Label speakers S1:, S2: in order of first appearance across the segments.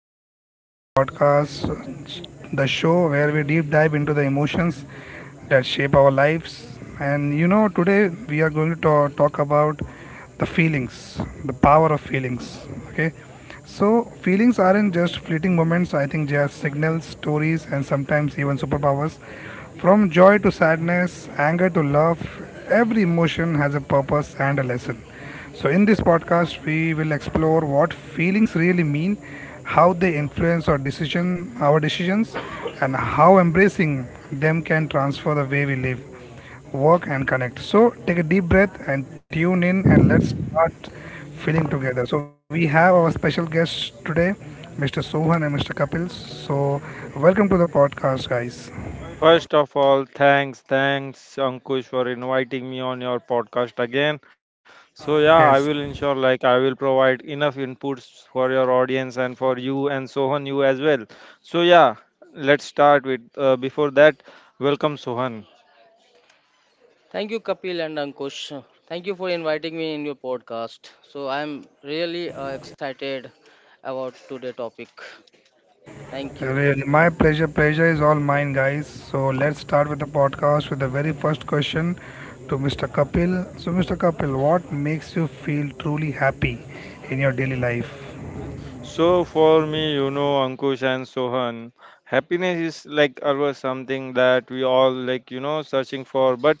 S1: guys. Welcome to my podcast, the show where we deep dive into the emotions that shape our lives. And you know, today we are going to talk about the feelings, the power of feelings. Okay, so feelings aren't just fleeting moments, I think they are signals, stories, and sometimes even superpowers. From joy to sadness, anger to love, every emotion has a purpose and a lesson. So, in this podcast, we will explore what feelings really mean, how they influence our decisions, and how embracing them can transform the way we live, work, and connect. So, take a deep breath and tune in, and let's start feeling together. So, we have our special guests today, Mr. Sohan and Mr. Kapil. So, welcome to the podcast, guys.
S2: First of all, thanks Ankush for inviting me on your podcast again. So yeah, I will
S1: Yes.
S2: ensure like I will provide enough inputs for your audience and for you and Sohan you as well. So yeah, let's start with before that, welcome Sohan.
S3: Thank you, Kapil and Ankush. Thank you for inviting me in your podcast. So I'm really excited about today topic. Thank you.
S1: Really, my pleasure. Pleasure is all mine, guys. So let's start with the podcast with the very first question to Mr. Kapil. So, Mr. Kapil, what makes you feel truly happy in your daily life?
S2: So for me, Ankush and Sohan, happiness is like always something that we all like, searching for. But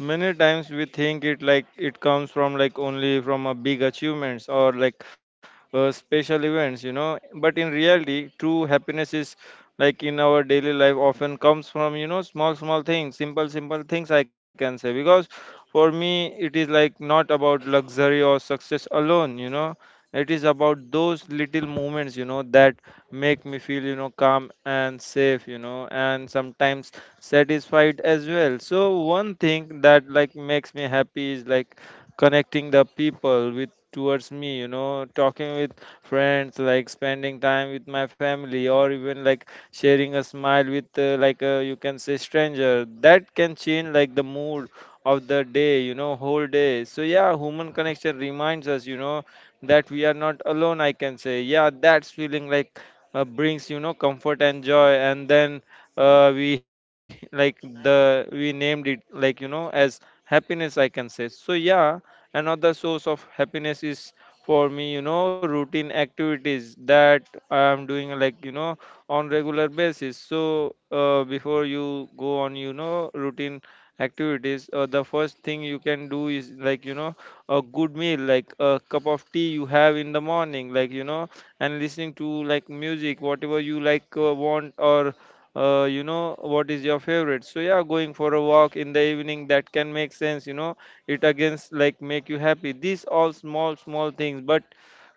S2: many times we think it like it comes from like only from a big achievements or like special events. But in reality, true happiness is like in our daily life often comes from small small things, simple simple things I can say. Because for me, it is like not about luxury or success alone, it is about those little moments, that make me feel, calm and safe, and sometimes satisfied as well. So one thing that like makes me happy is like connecting the people with towards me, talking with friends, like spending time with my family, or even like sharing a smile with like a, you can say, stranger. That can change like the mood of the day, whole day. So yeah, human connection reminds us that we are not alone, I can say. Yeah, that's feeling like brings comfort and joy. And then we like the we named it like as happiness, I can say. So yeah, another source of happiness is for me, routine activities that I'm doing, like on regular basis. So before you go on, routine activities, the first thing you can do is like a good meal, like a cup of tea you have in the morning, like and listening to like music, whatever you like, want, or what is your favorite. So yeah, going for a walk in the evening, that can make sense, it against like make you happy, these all small small things. But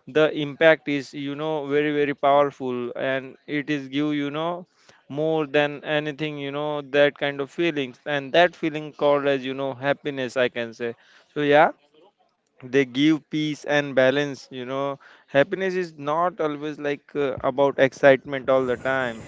S2: the impact is, very very powerful, and it is give, more than anything, that kind of feelings. And that feeling called as, happiness, I can say. So yeah, they give peace and balance. Happiness is not always like about excitement all the time.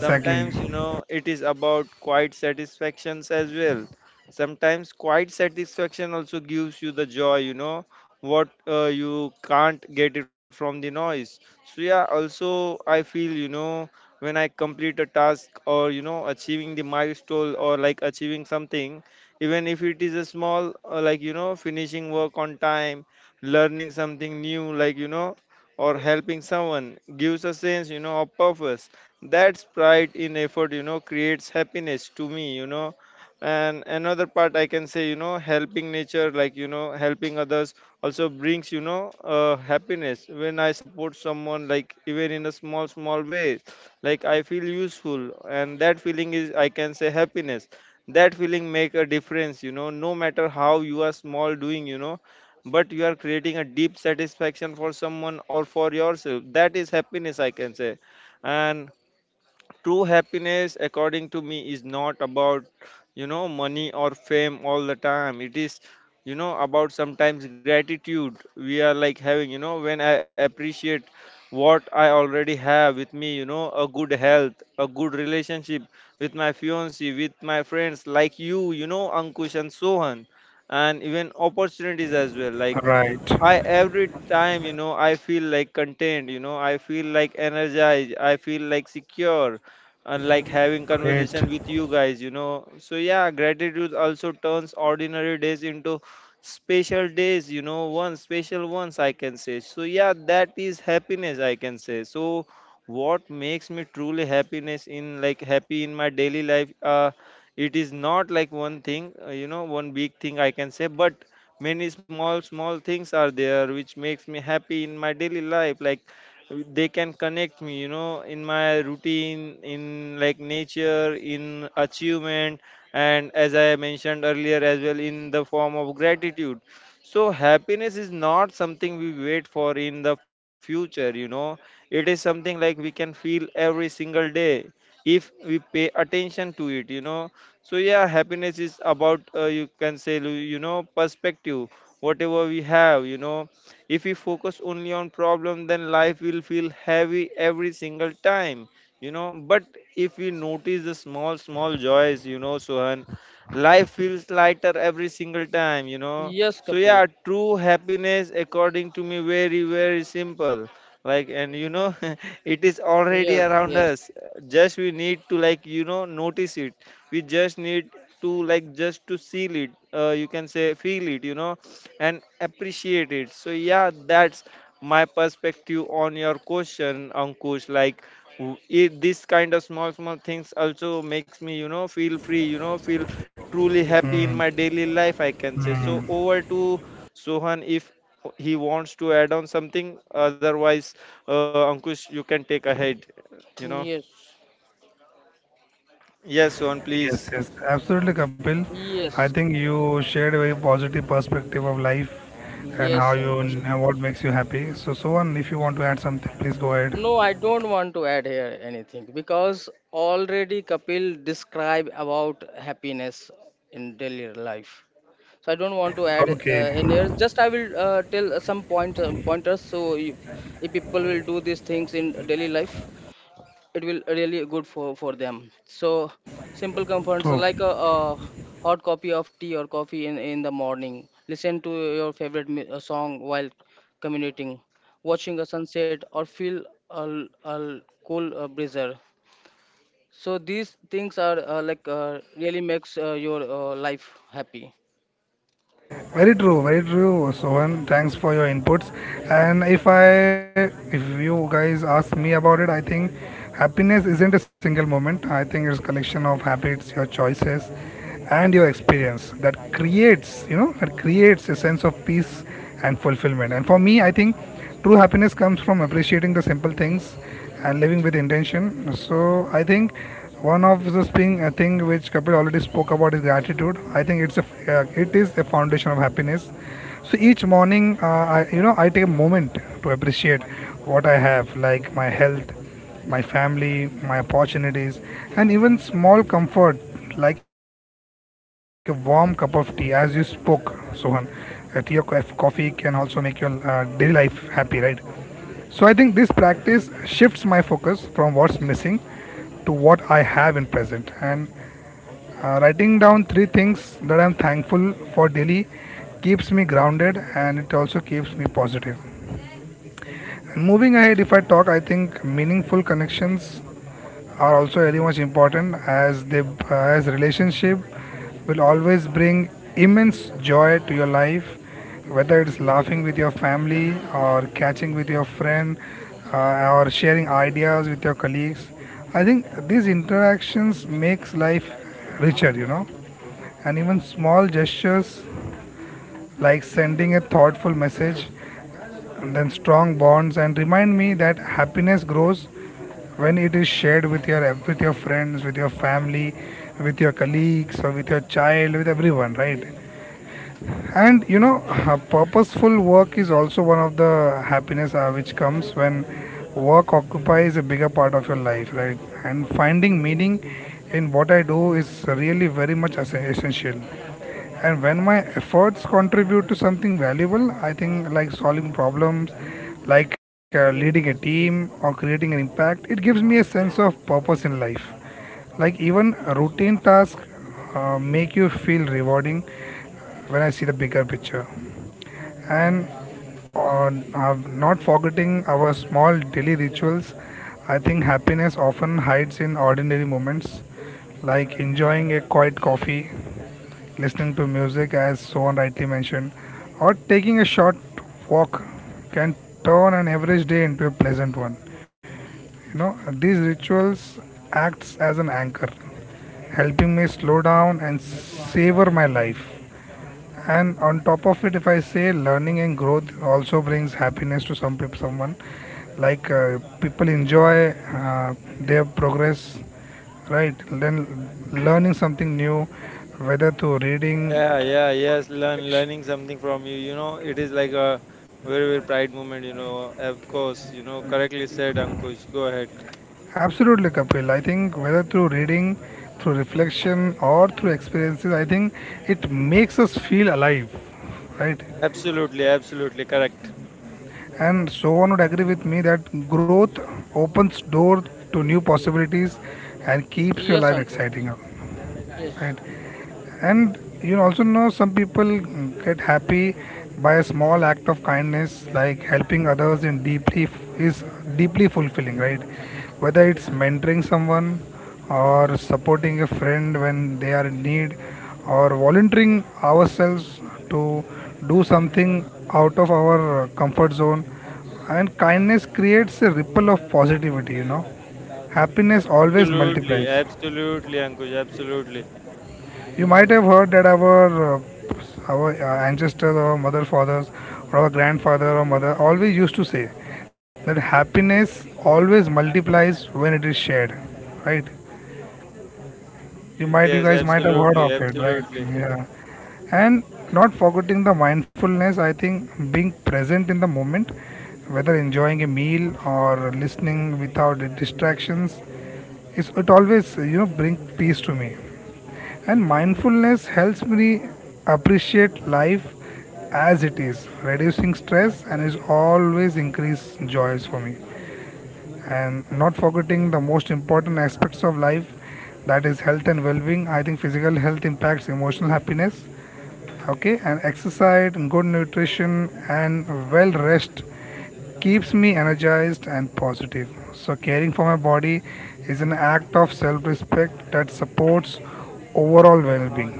S1: Exactly.
S2: it is about quiet satisfactions as well. Sometimes quiet satisfaction also gives you the joy, what you can't get it from the noise. So yeah, also I feel, when I complete a task, or, achieving the milestone, or like achieving something, even if it is a small, finishing work on time, learning something new, like, or helping someone, gives a sense, of purpose. That's pride in effort, creates happiness to me. And another part I can say, helping nature, like helping others, also brings, happiness. When I support someone, like even in a small small way, like I feel useful. And that feeling is, I can say, happiness. That feeling make a difference, no matter how you are small doing, but you are creating a deep satisfaction for someone or for yourself. That is happiness, I can say. And true happiness according to me is not about, money or fame all the time. It is, about sometimes gratitude we are like having, when I appreciate what I already have with me, a good health, a good relationship with my fiance, with my friends, like you know Ankush and Sohan, and even opportunities as well. Like
S1: Right.
S2: I every time, I feel like contained, I feel like energized, I feel like secure, and like having conversation
S1: Great.
S2: with you guys. So yeah, gratitude also turns ordinary days into special days, one special ones I can say. So yeah, that is happiness, I can say. So what makes me truly happiness in like happy in my daily life? It is not like one thing, one big thing I can say, but many small small things are there which makes me happy in my daily life, like they can connect me, in my routine, in like nature, in achievement, and as I mentioned earlier as well, in the form of gratitude. So happiness is not something we wait for in the future. It is something like we can feel every single day if we pay attention to it. So yeah, happiness is about, you can say, perspective, whatever we have. If we focus only on problem, then life will feel heavy every single time, you know but if we notice the small small joys, Sohan, life feels lighter every single time.
S3: Yes,
S2: So
S3: Kapil.
S2: yeah, true happiness according to me very very simple, like, and it is already
S3: Yes,
S2: around
S3: yes,
S2: us. Just we need to like notice it. We just need to like just to see it, you can say feel it, and appreciate it. So yeah, that's my perspective on your question, Ankush. Like this kind of small small things also makes me, feel free, feel truly happy in my daily life, I can say. So over to Sohan, if he wants to add on something. Otherwise, Ankush, you can take ahead you know
S3: yes,
S2: yes, Sohan, please.
S1: Yes, yes. Absolutely, Kapil. I
S3: yes,
S1: think you shared a very positive perspective of life and how
S3: yes,
S1: you
S3: Ankush.
S1: and what makes you happy. So, Sohan, if you want to add something, please go ahead.
S3: No, I don't want to add here anything because already Kapil described about happiness in daily life. So I don't want to add
S1: Okay.
S3: in here. Just I will tell some pointers, so you, if people will do these things in daily life, it will really good for them. So simple comforts
S1: True.
S3: like a hot copy of tea or coffee in the morning, listen to your favorite song while commuting, watching a sunset or feel a cool breezer. So these things are like really makes your life happy.
S1: Very true, very true, Sohan. Thanks for your inputs. And if you guys ask me about it, I think happiness isn't a single moment. I think it's collection of habits, your choices, and your experience that that creates a sense of peace and fulfillment. And for me, I think true happiness comes from appreciating the simple things and living with intention. So I think one of the thing, a thing which Kapil already spoke about is gratitude. I think it is a foundation of happiness. So each morning, I, you know, I take a moment to appreciate what I have, like my health, my family, my opportunities, and even small comfort like a warm cup of tea, as you spoke, Sohan. A tea or coffee can also make your daily life happy, right? So I think this practice shifts my focus from what's missing to what I have in present. And writing down three things that I'm thankful for daily keeps me grounded, and it also keeps me positive. And moving ahead, if I talk, I think meaningful connections are also very much important as they as relationship will always bring immense joy to your life, whether it's laughing with your family, or catching with your friend, or sharing ideas with your colleagues. I think these interactions makes life richer, you know, and even small gestures like sending a thoughtful message and then strong bonds and remind me that happiness grows when it is shared with your, with your friends, with your family, with your colleagues, or with your child, with everyone, right? And you know, purposeful work is also one of the happiness which comes when work occupies a bigger part of your life, right? And finding meaning in what I do is really very much essential, and when my efforts contribute to something valuable, I think, like solving problems, like leading a team or creating an impact, it gives me a sense of purpose in life. Like even routine tasks make you feel rewarding when I see the bigger picture. And not forgetting our small daily rituals, I think happiness often hides in ordinary moments, like enjoying a quiet coffee, listening to music, as Sohan rightly mentioned, or taking a short walk can turn an average day into a pleasant one. You know, these rituals acts as an anchor, helping me slow down and savor my life. And on top of it, if I say, learning and growth also brings happiness to someone, like people enjoy their progress, right? Then learning something new, whether through reading.
S2: Yeah, yeah, yes. Learning something from you. It is like a very very pride moment. Of course. Correctly said, Ankush. Go ahead.
S1: Absolutely, Kapil. I think whether through reading, through reflection, or through experiences, I think it makes us feel alive, right?
S2: Absolutely, absolutely correct.
S1: And Sohan would agree with me that growth opens doors to new possibilities and keeps your
S3: Yes,
S1: life
S3: Ankush.
S1: exciting up. Right?
S3: Yes.
S1: And you also know some people get happy by a small act of kindness, like helping others in is deeply fulfilling, right? Whether it's mentoring someone, or supporting a friend when they are in need, or volunteering ourselves to do something out of our comfort zone. And kindness creates a ripple of positivity, you know, happiness always
S2: Absolutely,
S1: multiplies.
S2: absolutely, Ankush. Absolutely.
S1: You might have heard that our ancestors, our mother, fathers, or our grandfather or mother always used to say that happiness always multiplies when it is shared, right? You
S2: Yes,
S1: might, you
S2: yes,
S1: guys might have heard
S2: absolutely,
S1: of it, right?
S2: absolutely.
S1: Yeah. And not forgetting the mindfulness, I think being present in the moment, whether enjoying a meal or listening without distractions, is, it always, you know, bring peace to me. And mindfulness helps me appreciate life as it is, reducing stress, and is always increase joys for me. And not forgetting the most important aspects of life, that is health and well-being. I think physical health impacts emotional happiness, okay, and exercise, good nutrition, and well rest keeps me energized and positive. So caring for my body is an act of self-respect that supports overall well-being,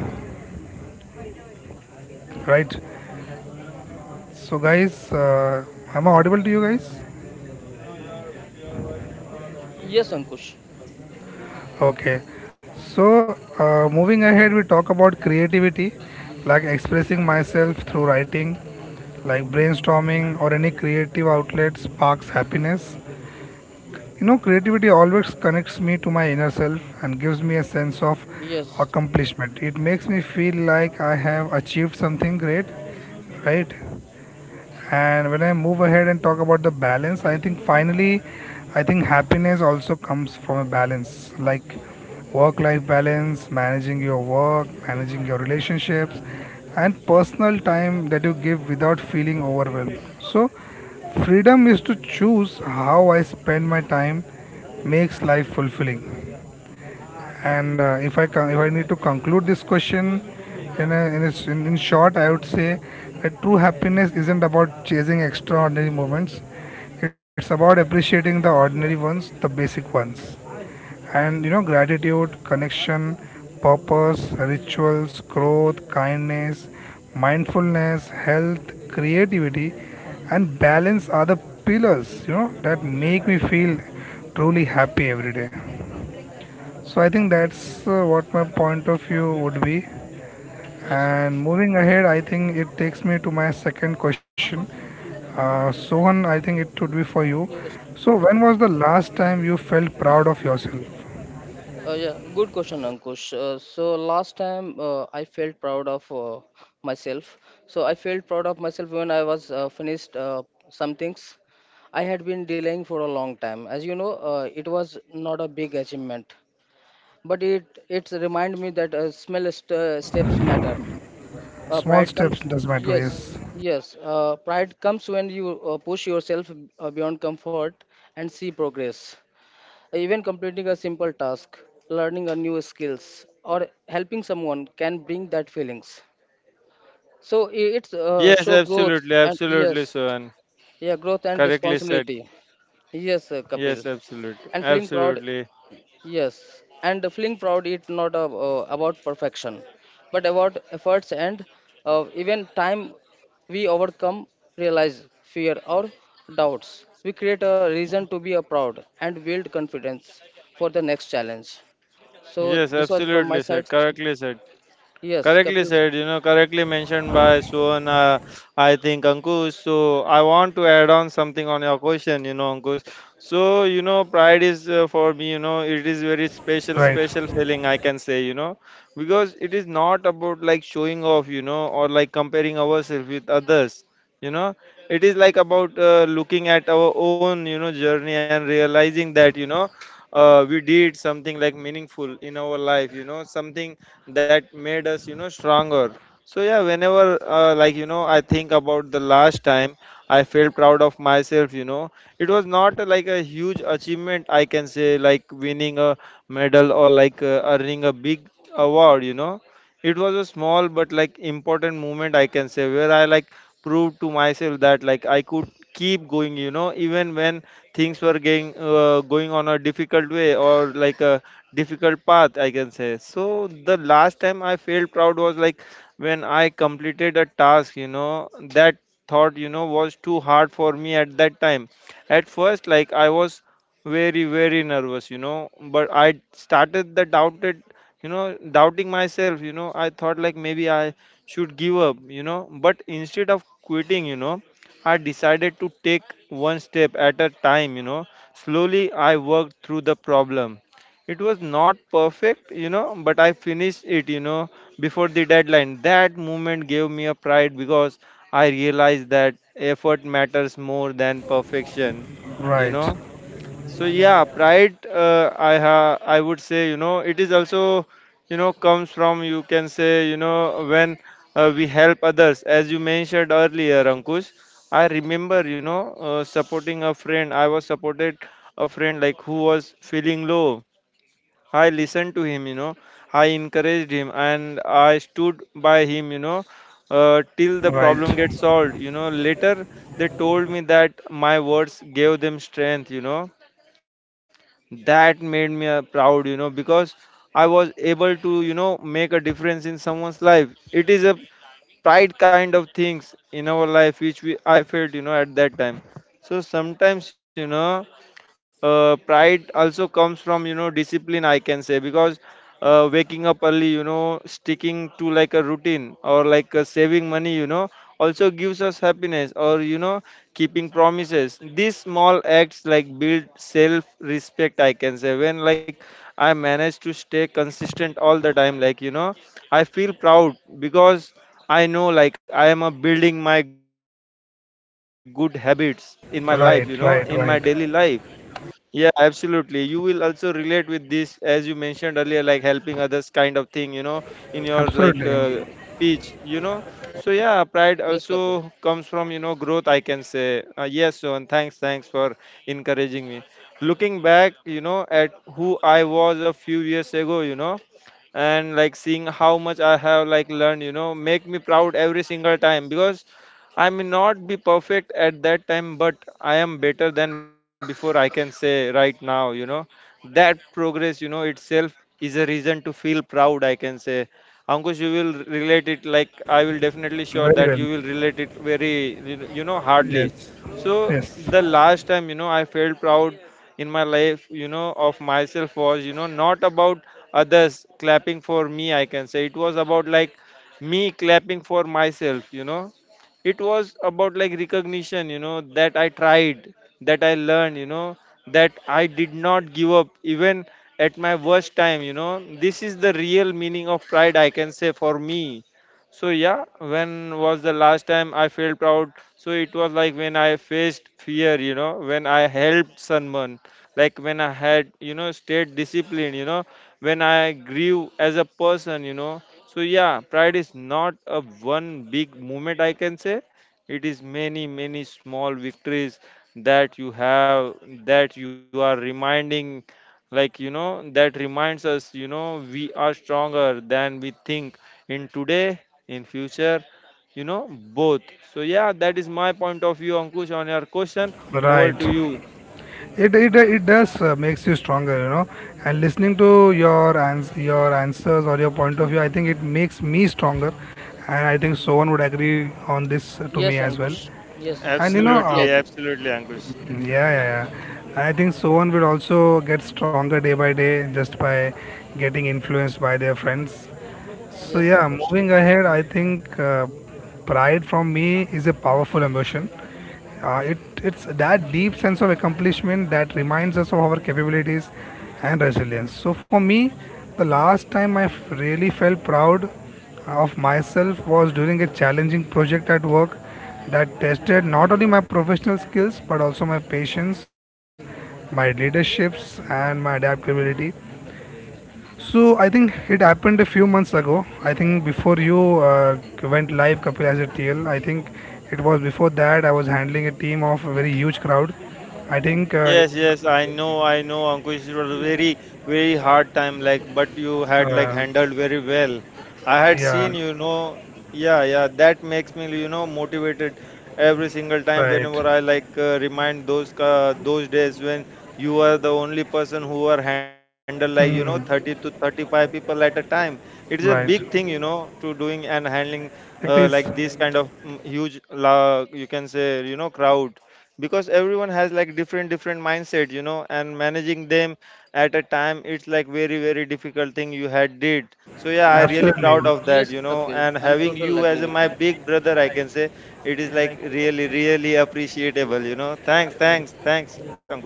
S1: right? So guys, am I audible to you guys?
S3: Yes, Ankush.
S1: Okay, so moving ahead, we talk about creativity, like expressing myself through writing, like brainstorming or any creative outlet sparks happiness. You know, creativity always connects me to my inner self and gives me a sense of
S3: Yes,
S1: accomplishment. It makes me feel like I have achieved something great, right? And when I move ahead and talk about the balance, I think finally, I think happiness also comes from a balance, like work life balance, managing your work, managing your relationships, and personal time that you give without feeling overwhelmed. So freedom is to choose how I spend my time makes life fulfilling. And if I need to conclude this question in, a s in short, I would say that true happiness isn't about chasing extraordinary moments. It's about appreciating the ordinary ones, the basic ones, and you know, gratitude, connection, purpose, rituals, growth, kindness, mindfulness, health, creativity, and balance are the pillars, you know, that make me feel truly happy every day. So I think that's what my point of view would be.
S3: yes,
S1: And
S3: Ankush.
S1: moving ahead, I think it takes me to my second question. Sohan, I think it would be for you.
S3: Yes.
S1: So when was the last time you felt proud of yourself?
S3: Yeah, good question, Ankush. So last time I felt proud of myself. So I felt proud of myself when I was finished some things I had been delaying for a long time. As you know, it was not a big achievement, but it's remind me that small steps matter. uh,
S1: Small
S3: pride comes
S1: steps does matter.
S3: yes
S1: Yes.
S3: yes uh, pride comes when you push yourself beyond comfort and see progress. Even completing a simple task, learning a new skills, or helping someone can bring that feelings. So I- it's
S2: Yes,
S3: show growth
S2: absolutely,
S3: and, yes,
S2: absolutely, Sohan.
S3: yeah, growth and
S2: Correctly said.
S3: responsibility. Yes. Kapil,
S2: Yes, absolutely,
S3: and feeling proud.
S2: absolutely.
S3: Yes, and feeling proud is not about perfection, but about efforts, and even time we overcome, realize fear or doubts. We create a reason to be a proud and build confidence for the next challenge. So
S2: Yes,
S3: this was from my
S2: absolutely
S3: side.
S2: said. Correctly said.
S3: Yes,
S2: Correctly
S3: Kapil.
S2: said, correctly mentioned by Suhan, I think, Ankush. So I want to add on something on your question, Ankush. So, pride is, for me, it is very special,
S1: Right.
S2: special feeling, I can say, because it is not about like showing off, or like comparing ourselves with others, you know, it is like about, looking at our own, journey and realizing that, we did something like meaningful in our life, something that made us, stronger. So yeah, whenever, like, I think about the last time I felt proud of myself, it was not, like a huge achievement, I can say, like winning a medal, or like, earning a big award. It was a small but like important moment, I can say, where I like proved to myself that like I could keep going, even when things were getting, going on a difficult way, or like a difficult path, I can say. So the last time I felt proud was like when I completed a task, that thought, was too hard for me at that time. At first, like, I was very very nervous. But I started the doubted, doubting myself, I thought like maybe I should give up. But instead of quitting, I decided to take one step at a time. Slowly, I worked through the problem. It was not perfect, but I finished it, before the deadline. That moment gave me a pride, because I realized that effort matters more than perfection you know
S1: Right.
S2: so yeah, pride. I ha. I would say, it is also, comes from, you can say, when, we help others as you mentioned earlier, Ankush. I remember, supporting a friend. I was supported a friend like who was feeling low. I listened to him. I encouraged him and I stood by him, till the
S1: Right.
S2: problem gets solved. Later they told me that my words gave them strength. That made me proud because I was able to make a difference in someone's life. It is a pride kind of things in our life which we I felt at that time. So sometimes, pride also comes from discipline, I can say, because waking up early, sticking to like a routine, or like saving money, also gives us happiness, or keeping promises. These small acts like build self respect, I can say. When like I manage to stay consistent all the time, like, I feel proud because I know like I am building my good habits in my life, in my daily
S1: Right.
S2: life.
S1: Right. Right.
S2: Yeah, absolutely. You will also relate with this, as you mentioned earlier, like helping others kind of thing, in your like
S1: Absolutely.
S2: speech. So yeah, pride also
S3: Yes,
S2: comes
S3: Kapil.
S2: from growth, I can say. Yes, so and thanks for encouraging me. Looking back, at who I was a few years ago, and like seeing how much I have like learned, make me proud every single time because I may not be perfect at that time, but I am better than before. I can say right now, that progress itself is a reason to feel proud. I can say, Ankush, you will relate it like I will definitely sure
S1: Very
S2: that
S1: well.
S2: you will relate it very hardly.
S1: Yes.
S2: So
S1: Yes.
S2: the last time, I felt proud in my life, of myself was not about others clapping for me. I can say it was about like me clapping for myself. It was about like recognition, that I tried that I learned, that I did not give up even at my worst time. This is the real meaning of pride, I can say, for me. So yeah, when was the last time I felt proud? So it was like when I faced fear, when I helped someone, like when I had stayed disciplined, when I grew as a person. So yeah, pride is not a one big movement, I can say. It is many many small victories that you have, that you are reminding, like, that reminds us we are stronger than we think in today, in future you know both. So yeah, that is my point of view, Ankush, on your question. Over
S1: Right.
S2: to you.
S1: It does makes you stronger, you know. And listening to your your answers or your point of view, I think it makes me stronger, and I think Sohan would agree on this to
S3: Yes,
S1: me as well.
S3: Ankush. Yes,
S1: And you
S3: I'm
S1: know,
S3: totally
S2: Absolutely,
S3: agree.
S2: absolutely, Ankush.
S1: yeah, yeah, yeah. I think Sohan will also get stronger day by day just by getting influenced by their friends. So
S3: Yes,
S1: yeah,
S3: Ankush.
S1: moving ahead, I think pride from me is a powerful emotion. Uh, it it's that deep sense of accomplishment that reminds us of our capabilities and resilience. So for me, the last time I really felt proud of myself was during a challenging project at work that tested not only my professional skills but also my patience, my leaderships, and my adaptability. So I think it happened a few months ago. I think before you went live, Kapil, as a TL. I think it was before that I was handling a team of a very huge crowd. I think,
S2: Yes, yes, I know, Ankush. It was a very, very hard time, like, but you had like
S1: uh,
S2: handled very well. I had seen,
S1: yeah,
S2: you know, yeah, yeah. That makes me motivated every single time whenever I
S1: right,
S2: like remind those days when you are the only person who are handled like 30 to 35 people at a time. It is a
S1: right.
S2: big thing, to doing and handling
S1: It is
S2: like this kind of huge, la, you can say, crowd, because everyone has like different different mindset, and managing them at a time, it's like very very difficult thing you had did. So yeah, I really proud
S1: absolutely.
S2: of that
S3: Yes,
S2: you know
S3: Kapil.
S2: and
S3: I'm
S2: having
S3: totally
S2: you as
S3: agree
S2: a,
S3: with
S2: my
S3: you.
S2: big brother, I can say. It is like really really appreciable. Thanks, thanks, thanks, Ankush.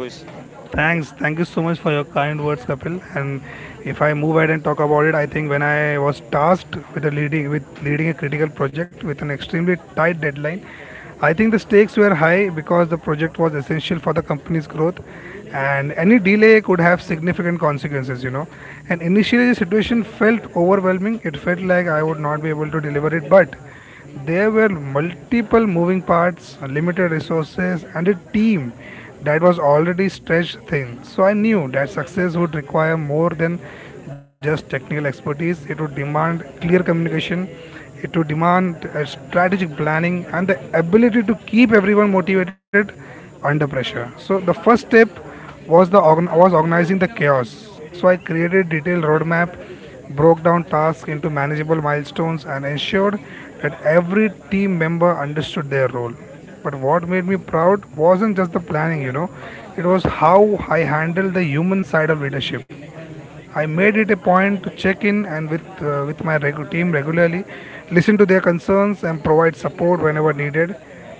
S1: Thanks. Thank you so much for your kind words, Kapil. And if I move ahead and talk about it, I think when I was tasked with a leading with leading a critical project with an extremely tight deadline, I think the stakes were high because the project was essential for the company's growth, and any delay could have significant consequences. You know, and initially the situation felt overwhelming. It felt like I would not be able to deliver it, but there were multiple moving parts, limited resources, and a team that was already stretched thin. So I knew that success would require more than just technical expertise. It would demand clear communication, it would demand strategic planning, and the ability to keep everyone motivated under pressure. So the first step was the organ- was organizing the chaos. So I created detailed roadmap, broke down tasks into manageable milestones, and ensured that every team member understood their role. But what made me proud wasn't just the planning, you know, it was how I handled the human side of leadership. I made it a point to check in and with my regu- team regularly, listen to their concerns and provide support whenever needed.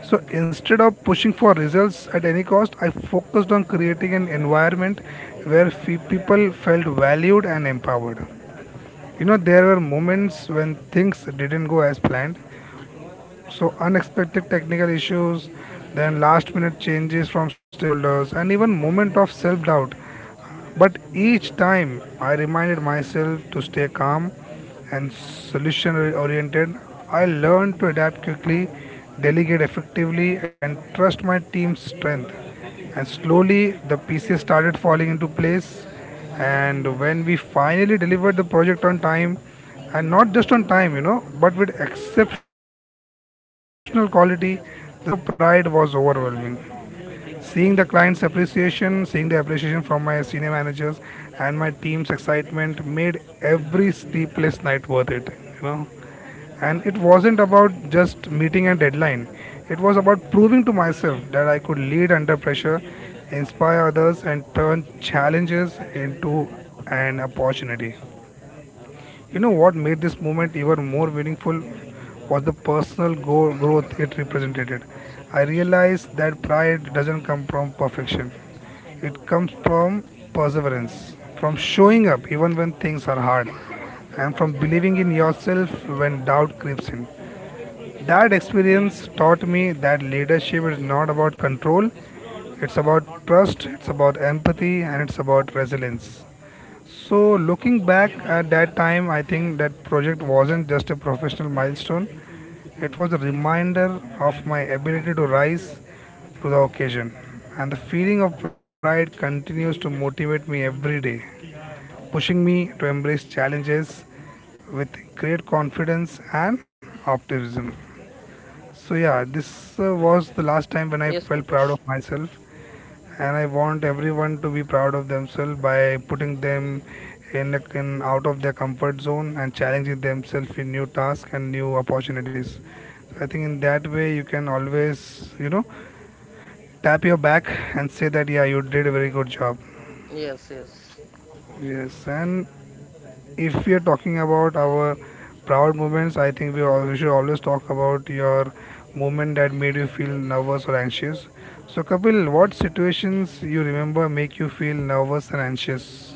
S1: So instead of pushing for results at any cost, I focused on creating an environment where people felt valued and empowered. You know, there were moments when things didn't go as planned, so, unexpected technical issues, then last minute changes from stakeholders, and even moment of self doubt. But each time I reminded myself to stay calm and solution oriented, I learned to adapt quickly, delegate effectively, and trust my team's strength, and slowly the pieces started falling into place. And when we finally delivered the project on time, and not just on time, but with exceptional quality, the sense of pride was overwhelming. Seeing the client's appreciation, seeing the appreciation from my senior managers and my team's excitement made every sleepless night worth it, you know. And it wasn't about just meeting a deadline. It was about proving to myself that I could lead under pressure, inspire others and turn challenges into an opportunity. You know what made this moment even more meaningful was the personal growth it represented. I realized that pride doesn't come from perfection, it comes from perseverance, from showing up even when things are hard, and from believing in yourself when doubt creeps in. That experience taught me that leadership is not about control, it's about trust, it's about empathy, and it's about resilience. So, looking back at that time, I think that project wasn't just a professional milestone, it was a reminder of my ability to rise to the occasion. And the feeling of pride continues to motivate me every day, pushing me to embrace challenges with great confidence and optimism. So, yeah, this was the last time when I
S3: Yes,
S1: felt proud of
S3: Ankush.
S1: myself. And I want everyone to be proud of themselves by putting them in out of their comfort zone and challenging themselves in new tasks and new opportunities. I think in that way you can always, you know, tap your back and say that yeah, you did a very good job.
S3: Yes, yes.
S1: Yes, and if we are talking about our proud moments, I think we should always talk about your moment that made you feel nervous or anxious. So Kapil, what situations you remember make you feel nervous and anxious?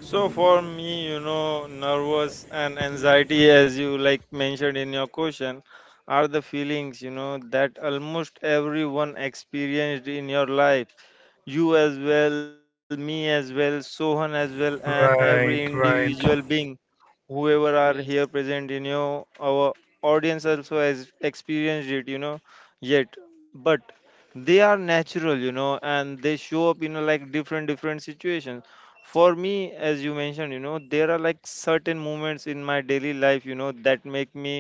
S2: So for me, nervous and anxiety, as you like mentioned in your question, are the feelings that almost everyone experienced in your life. You as well, me as well, Sohan as well, and every
S1: Right,
S2: individual
S1: right.
S2: being whoever are here
S3: Yes.
S2: present in your our audience also has experienced it, yet, but they are natural, and they show up in a, like different different situations. For me, as you mentioned, there are like certain moments in my daily life that make me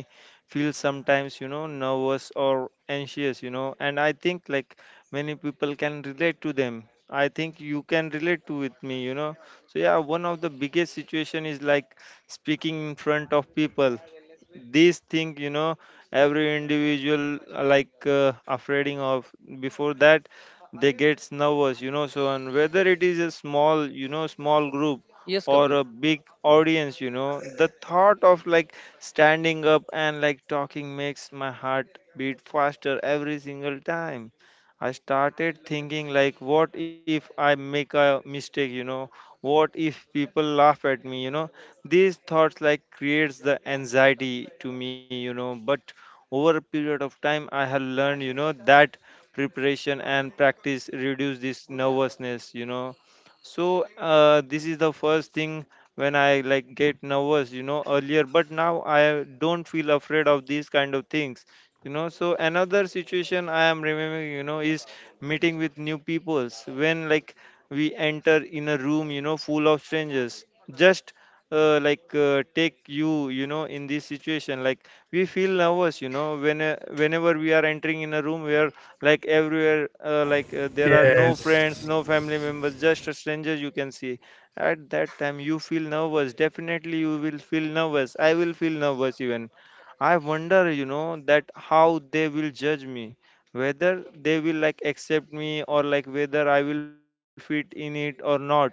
S2: feel sometimes nervous or anxious, and I think like many people can relate to them. I think you can relate to with me. So yeah, one of the biggest situation is like speaking in front of people. These thing, every individual like afraid of. Before that, they gets nervous, so. And whether it is a small small group
S3: Yes,
S2: or a
S3: Kapil.
S2: big audience, the thought of like standing up and like talking makes my heart beat faster every single time. I started thinking like, what if I make a mistake? What if people laugh at me? These thoughts like creates the anxiety to me, but over a period of time I have learned that preparation and practice reduce this nervousness. So this is the first thing. When I like get nervous earlier, but now I don't feel afraid of these kind of things. So another situation I am remembering is meeting with new peoples. When like we enter in a room, full of strangers. Just like take you you know in this situation, like we feel nervous when whenever we are entering in a room where like everywhere like there are no friends,
S1: Yes,
S2: no family members, just a stranger you can see. At that time you feel nervous, definitely you will feel nervous, I will feel nervous, even I wonder that how they will judge me, whether they will like accept me or like whether I will fit in it or not.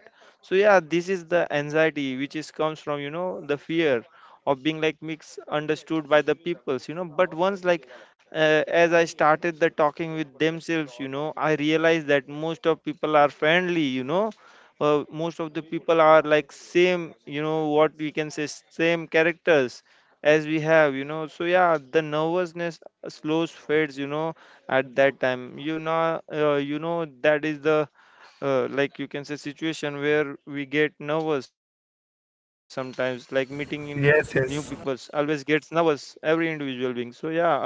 S2: So yeah, this is the anxiety which is comes from the fear of being like misunderstood by the peoples, but once like as I started the talking with themselves, I realized that most of people are friendly. Most of the people are like same, what we can say same characters as we have. So yeah, the nervousness slows fades at that time. That is the like you can say situation where we get nervous sometimes, like meeting in new peoples,
S1: yes.
S2: always
S1: Yes,
S2: gets nervous every individual being. So yeah, also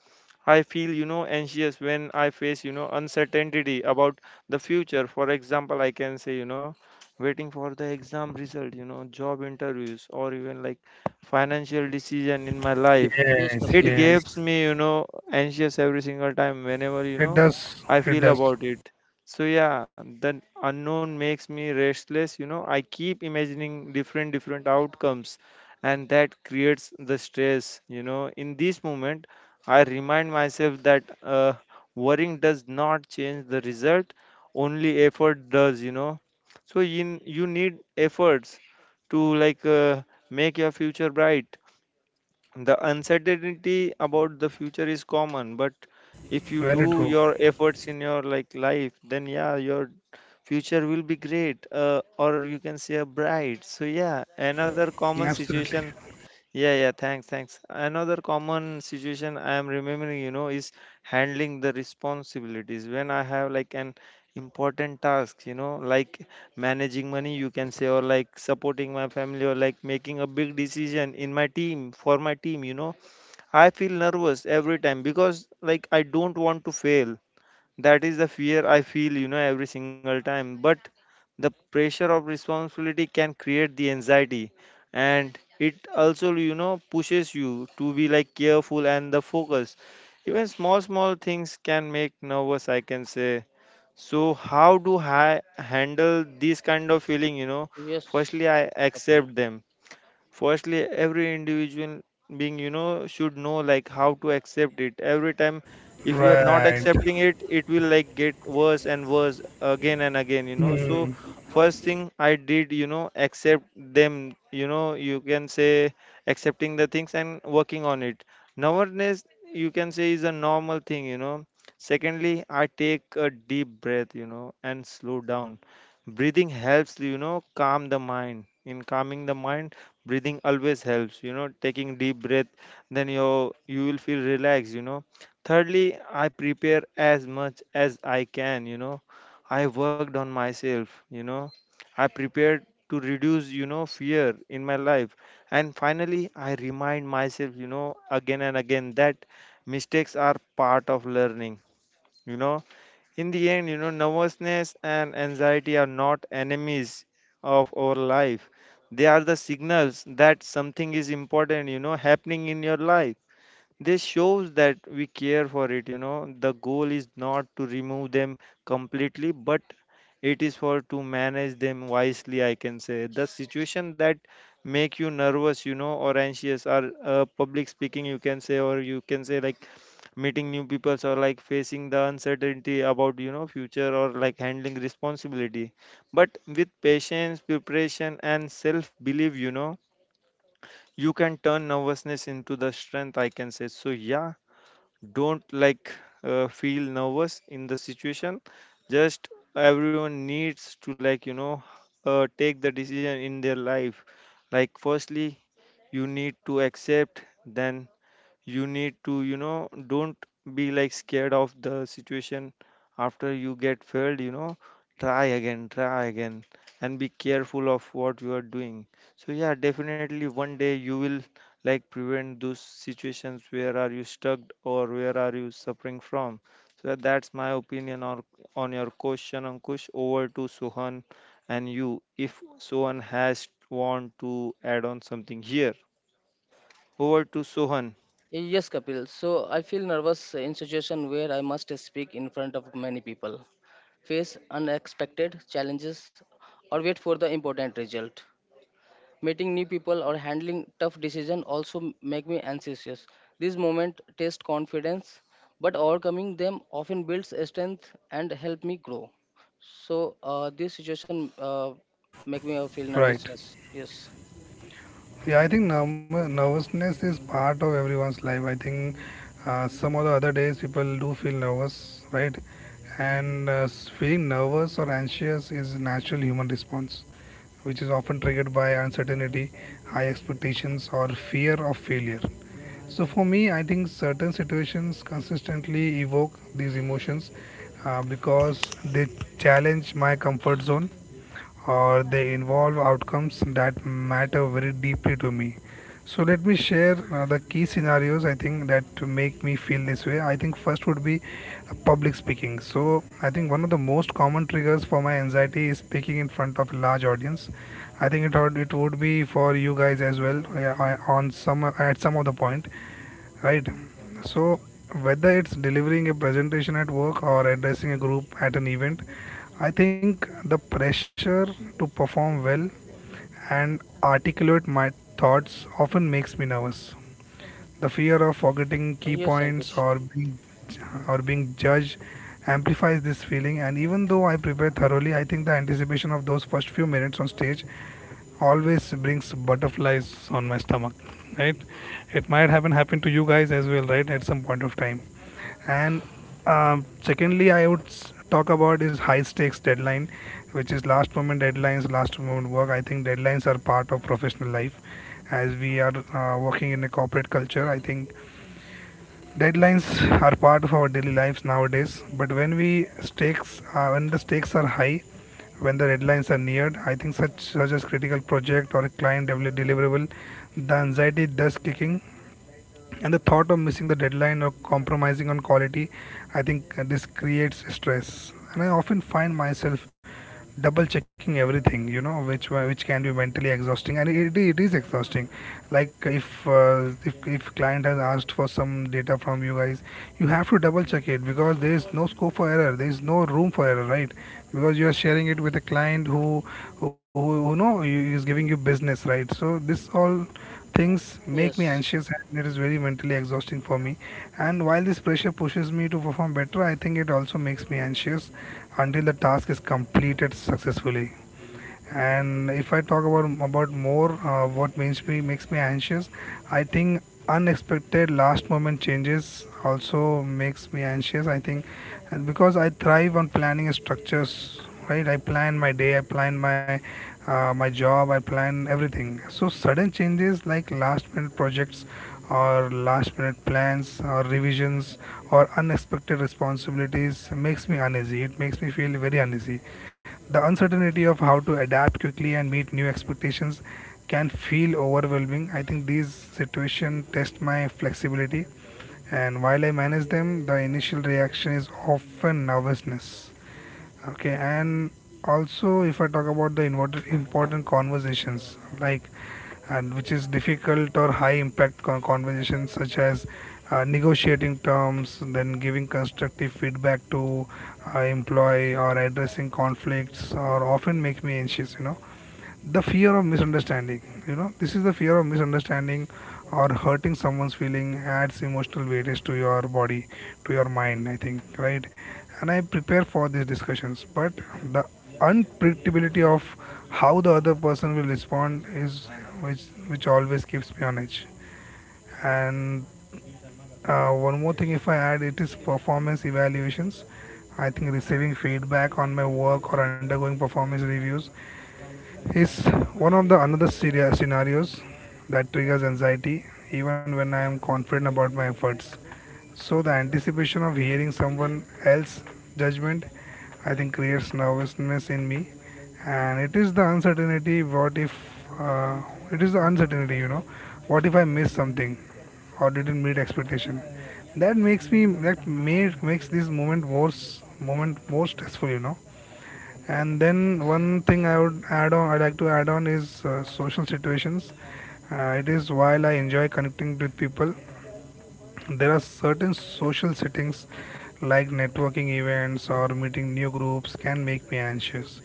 S2: I feel anxious when I face uncertainty about the future. For example, I can say, waiting for the exam result, job interviews, or even like financial decision in my life.
S3: Yes,
S1: yes.
S2: It
S3: Kapil.
S1: Yes,
S2: gives me anxious every single time whenever, you
S1: it
S2: know,
S1: does,
S2: I
S1: it
S2: feel
S1: does.
S2: about it. So yeah, the unknown makes me restless. I keep imagining different different outcomes and that creates the stress. In this moment I remind myself that worrying does not change the result, only effort does. So you need efforts to like make your future bright. The uncertainty about the future is common, but if you
S1: Very
S2: do
S1: true.
S2: your efforts in your like life, then yeah, your future will be great, or you can say a bright. So yeah, another common
S1: Absolutely.
S2: situation. Yeah, yeah, thanks, thanks. Another common situation I am remembering, is handling the responsibilities. When I have like an important task, like managing money, you can say, or like supporting my family, or like making a big decision in my team, for my team, I feel nervous every time because like I don't want to fail. That is the fear I feel, every single time. But the pressure of responsibility can create the anxiety, and it also pushes you to be like careful and the focus. Even small, small things can make nervous, I can say. So, how do I handle this kind of feeling? You know,
S3: Yes,
S2: firstly, I
S3: Kapil.
S2: accept them. Firstly, every individual being should know like how to accept it every time. If you are not
S1: Right,
S2: accepting it, it will like get worse and worse again and again, so. First thing I did, accept them, you can say. Accepting the things and working on it nowadays, you can say, is a normal thing. Secondly, I take a deep breath and slow down. Breathing helps calm the mind. In calming the mind, breathing always helps, taking deep breath. Then you will feel relaxed. Thirdly, I prepare as much as I can. I worked on myself. I prepared to reduce fear in my life. And finally, I remind myself again and again that mistakes are part of learning you know in the end, nervousness and anxiety are not enemies of our life. They are the signals that something is important, happening in your life. This shows that we care for it. The goal is not to remove them completely, but it is for to manage them wisely, I can say. The situation that make you nervous or anxious are public speaking, you can say, or you can say like meeting new people, or like facing the uncertainty about future, or like handling responsibility. But with patience, preparation and self belief, you can turn nervousness into the strength, I can say. So yeah, don't like feel nervous in the situation. Just everyone needs to like take the decision in their life. Like firstly, you need to accept. Then you need to, don't be like scared of the situation. After you get failed, try again, try again, and be careful of what you are doing. So yeah, definitely one day you will like prevent those situations where are you stuck or where are you suffering from. So that's my opinion on your question, Ankush. Over to Sohan. And you, if Sohan has want to add on something here, over to Sohan.
S3: Yes, Kapil. So I feel nervous in situation where I must speak in front of many people, face unexpected challenges, or wait for the important result. Meeting new people or handling tough decision also make me anxious. These moments test confidence, but overcoming them often builds strength and help me grow. So this situation make me feel
S1: right.
S3: nervousness. Yes.
S1: Yeah, I think nervousness is part of everyone's life. I think some of the other days people do feel nervous, right? And feeling nervous or anxious is a natural human response, which is often triggered by uncertainty, high expectations, or fear of failure. So for me, I think certain situations consistently evoke these emotions because they challenge my comfort zone or they involve outcomes that matter very deeply to me. So let me share the key scenarios I think that make me feel this way. I think first would be public speaking. So I think one of the most common triggers for my anxiety is speaking in front of a large audience. I think it would be for you guys as well on some at some of the point, right? So whether it's delivering a presentation at work or addressing a group at an event, I think the pressure to perform well and articulate my thoughts often makes me nervous. The fear of forgetting key
S3: Yes,
S1: points
S3: Ankush.
S1: or being judged amplifies this feeling, and even though I prepare thoroughly, I think the anticipation of those first few minutes on stage always brings butterflies on my stomach, right? It might happen to you guys as well, right? At some point of time. And secondly, I would talk about is high stakes deadline, which is last moment deadlines, last moment work. I think deadlines are part of professional life. As we are working in a corporate culture, I think deadlines are part of our daily lives nowadays. But when the stakes are high, when the deadlines are neared, I think such as critical project or a client deliverable, the anxiety does kicking, and the thought of missing the deadline or compromising on quality, I think this creates stress, and I often find myself double checking everything, you know, which can be mentally exhausting, and it is exhausting. Like if client has asked for some data from you guys, you have to double check it because there is no scope for error, there is no room for error, right? Because you are sharing it with a client who, know, is giving you business, right? So this all things make me
S3: Yes.
S1: anxious, and it is very mentally exhausting for me. And while this pressure pushes me to perform better, I think it also makes me anxious until the task is completed successfully. And if I talk about more, what makes me anxious, I think unexpected last moment changes also makes me anxious, I think. And because I thrive on planning structures, right? I plan my day, I plan my my job, I plan everything. So sudden changes like last minute projects or last minute plans or revisions or unexpected responsibilities makes me uneasy, it makes me feel very uneasy. The uncertainty of how to adapt quickly and meet new expectations can feel overwhelming. I think these situations test my flexibility, and while I manage them, the initial reaction is often nervousness. Okay, and also if I talk about the important conversations, like and which is difficult or high impact conversations such as negotiating terms, then giving constructive feedback to employee or addressing conflicts, or often make me anxious, you know, the fear of misunderstanding, you know, this is the fear of misunderstanding or hurting someone's feeling adds emotional weightage to your body, to your mind, I think, right? And I prepare for these discussions, but the unpredictability of how the other person will respond is which always keeps me on edge. And one more thing if I add, it is performance evaluations. I think receiving feedback on my work or undergoing performance reviews is one of the another scenarios that triggers anxiety, even when I am confident about my efforts. So the anticipation of hearing someone else's judgment, I think, creates nervousness in me. And it is the uncertainty, what if, uh, it is the uncertainty, you know, what if I miss something or didn't meet expectation, that makes me, that made makes this moment more stressful, you know. And then one thing I would add on, I like to add on is social situations. It is while I enjoy connecting with people, there are certain social settings like networking events or meeting new groups can make me anxious,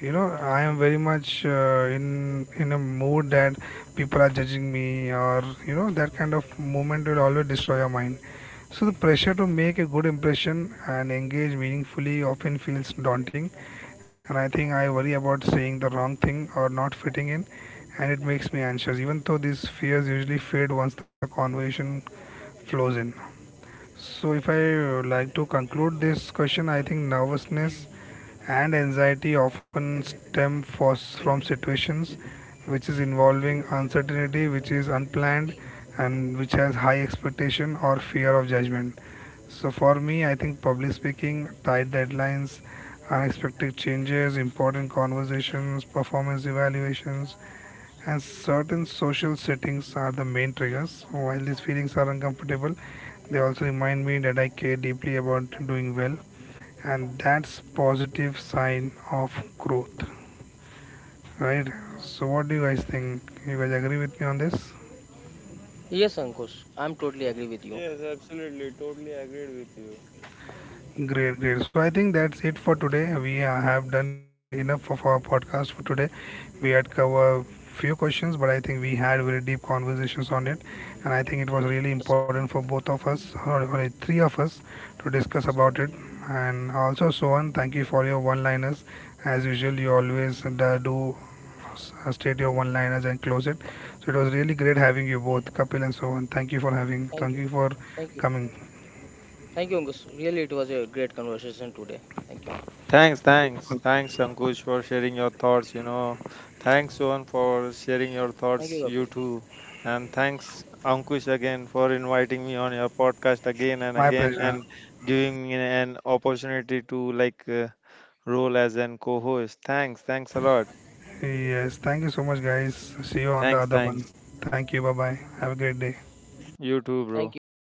S1: you know. I am very much in a mood that people are judging me, or you know, that kind of moment will always destroy your mind. So the pressure to make a good impression and engage meaningfully often feels daunting, and I think I worry about saying the wrong thing or not fitting in, and it makes me anxious, even though these fears usually fade once the conversation flows in. So, if I like to conclude this question, I think nervousness and anxiety often from situations which is involving uncertainty, which is unplanned, and which has high expectation or fear of judgment. So, for me, I think public speaking, tight deadlines, unexpected changes, important conversations, performance evaluations, and certain social settings are the main triggers. While these feelings are uncomfortable, they also remind me that I care deeply about doing well, and that's positive sign of growth, right? So, what do you guys think? You guys agree with me on this?
S3: Yes, Ankush, I'm totally agree with you.
S2: Yes, absolutely. Totally agreed with you.
S1: Great, great. So I think that's it for today. We have done enough of our podcast for today. We had covered few questions, but I think we had very deep conversations on it, and I think it was really
S3: Yes,
S1: important for both of us, or for three of us, to discuss
S3: yes.
S1: about it. And also, Sohan, thank you for your one-liners. As usual, you always state your one-liners and close it. So it was really great having you both, Kapil and Sohan. Thank you for having.
S3: Thank
S1: Thank
S3: you.
S1: you for
S3: Thank you.
S1: coming.
S3: Thank you, Ankush. Really, it was a great conversation today. Thank you.
S2: Thanks, thanks, thanks, Ankush, for sharing your thoughts. Thanks, Sohan, for sharing your
S3: Thank you,
S2: thoughts. You
S3: Kapil.
S2: too. And thanks, Ankush, again for inviting me on your podcast again and
S1: My
S2: again and
S1: pleasure.
S2: giving me an opportunity to like role as an co host. Thanks, thanks a lot.
S1: Yes, thank you so much, guys. See you on the
S2: Thanks,
S1: other one.
S2: thanks.
S1: Thank you. Bye bye. Have a great day.
S2: You too, bro.
S3: Thank you.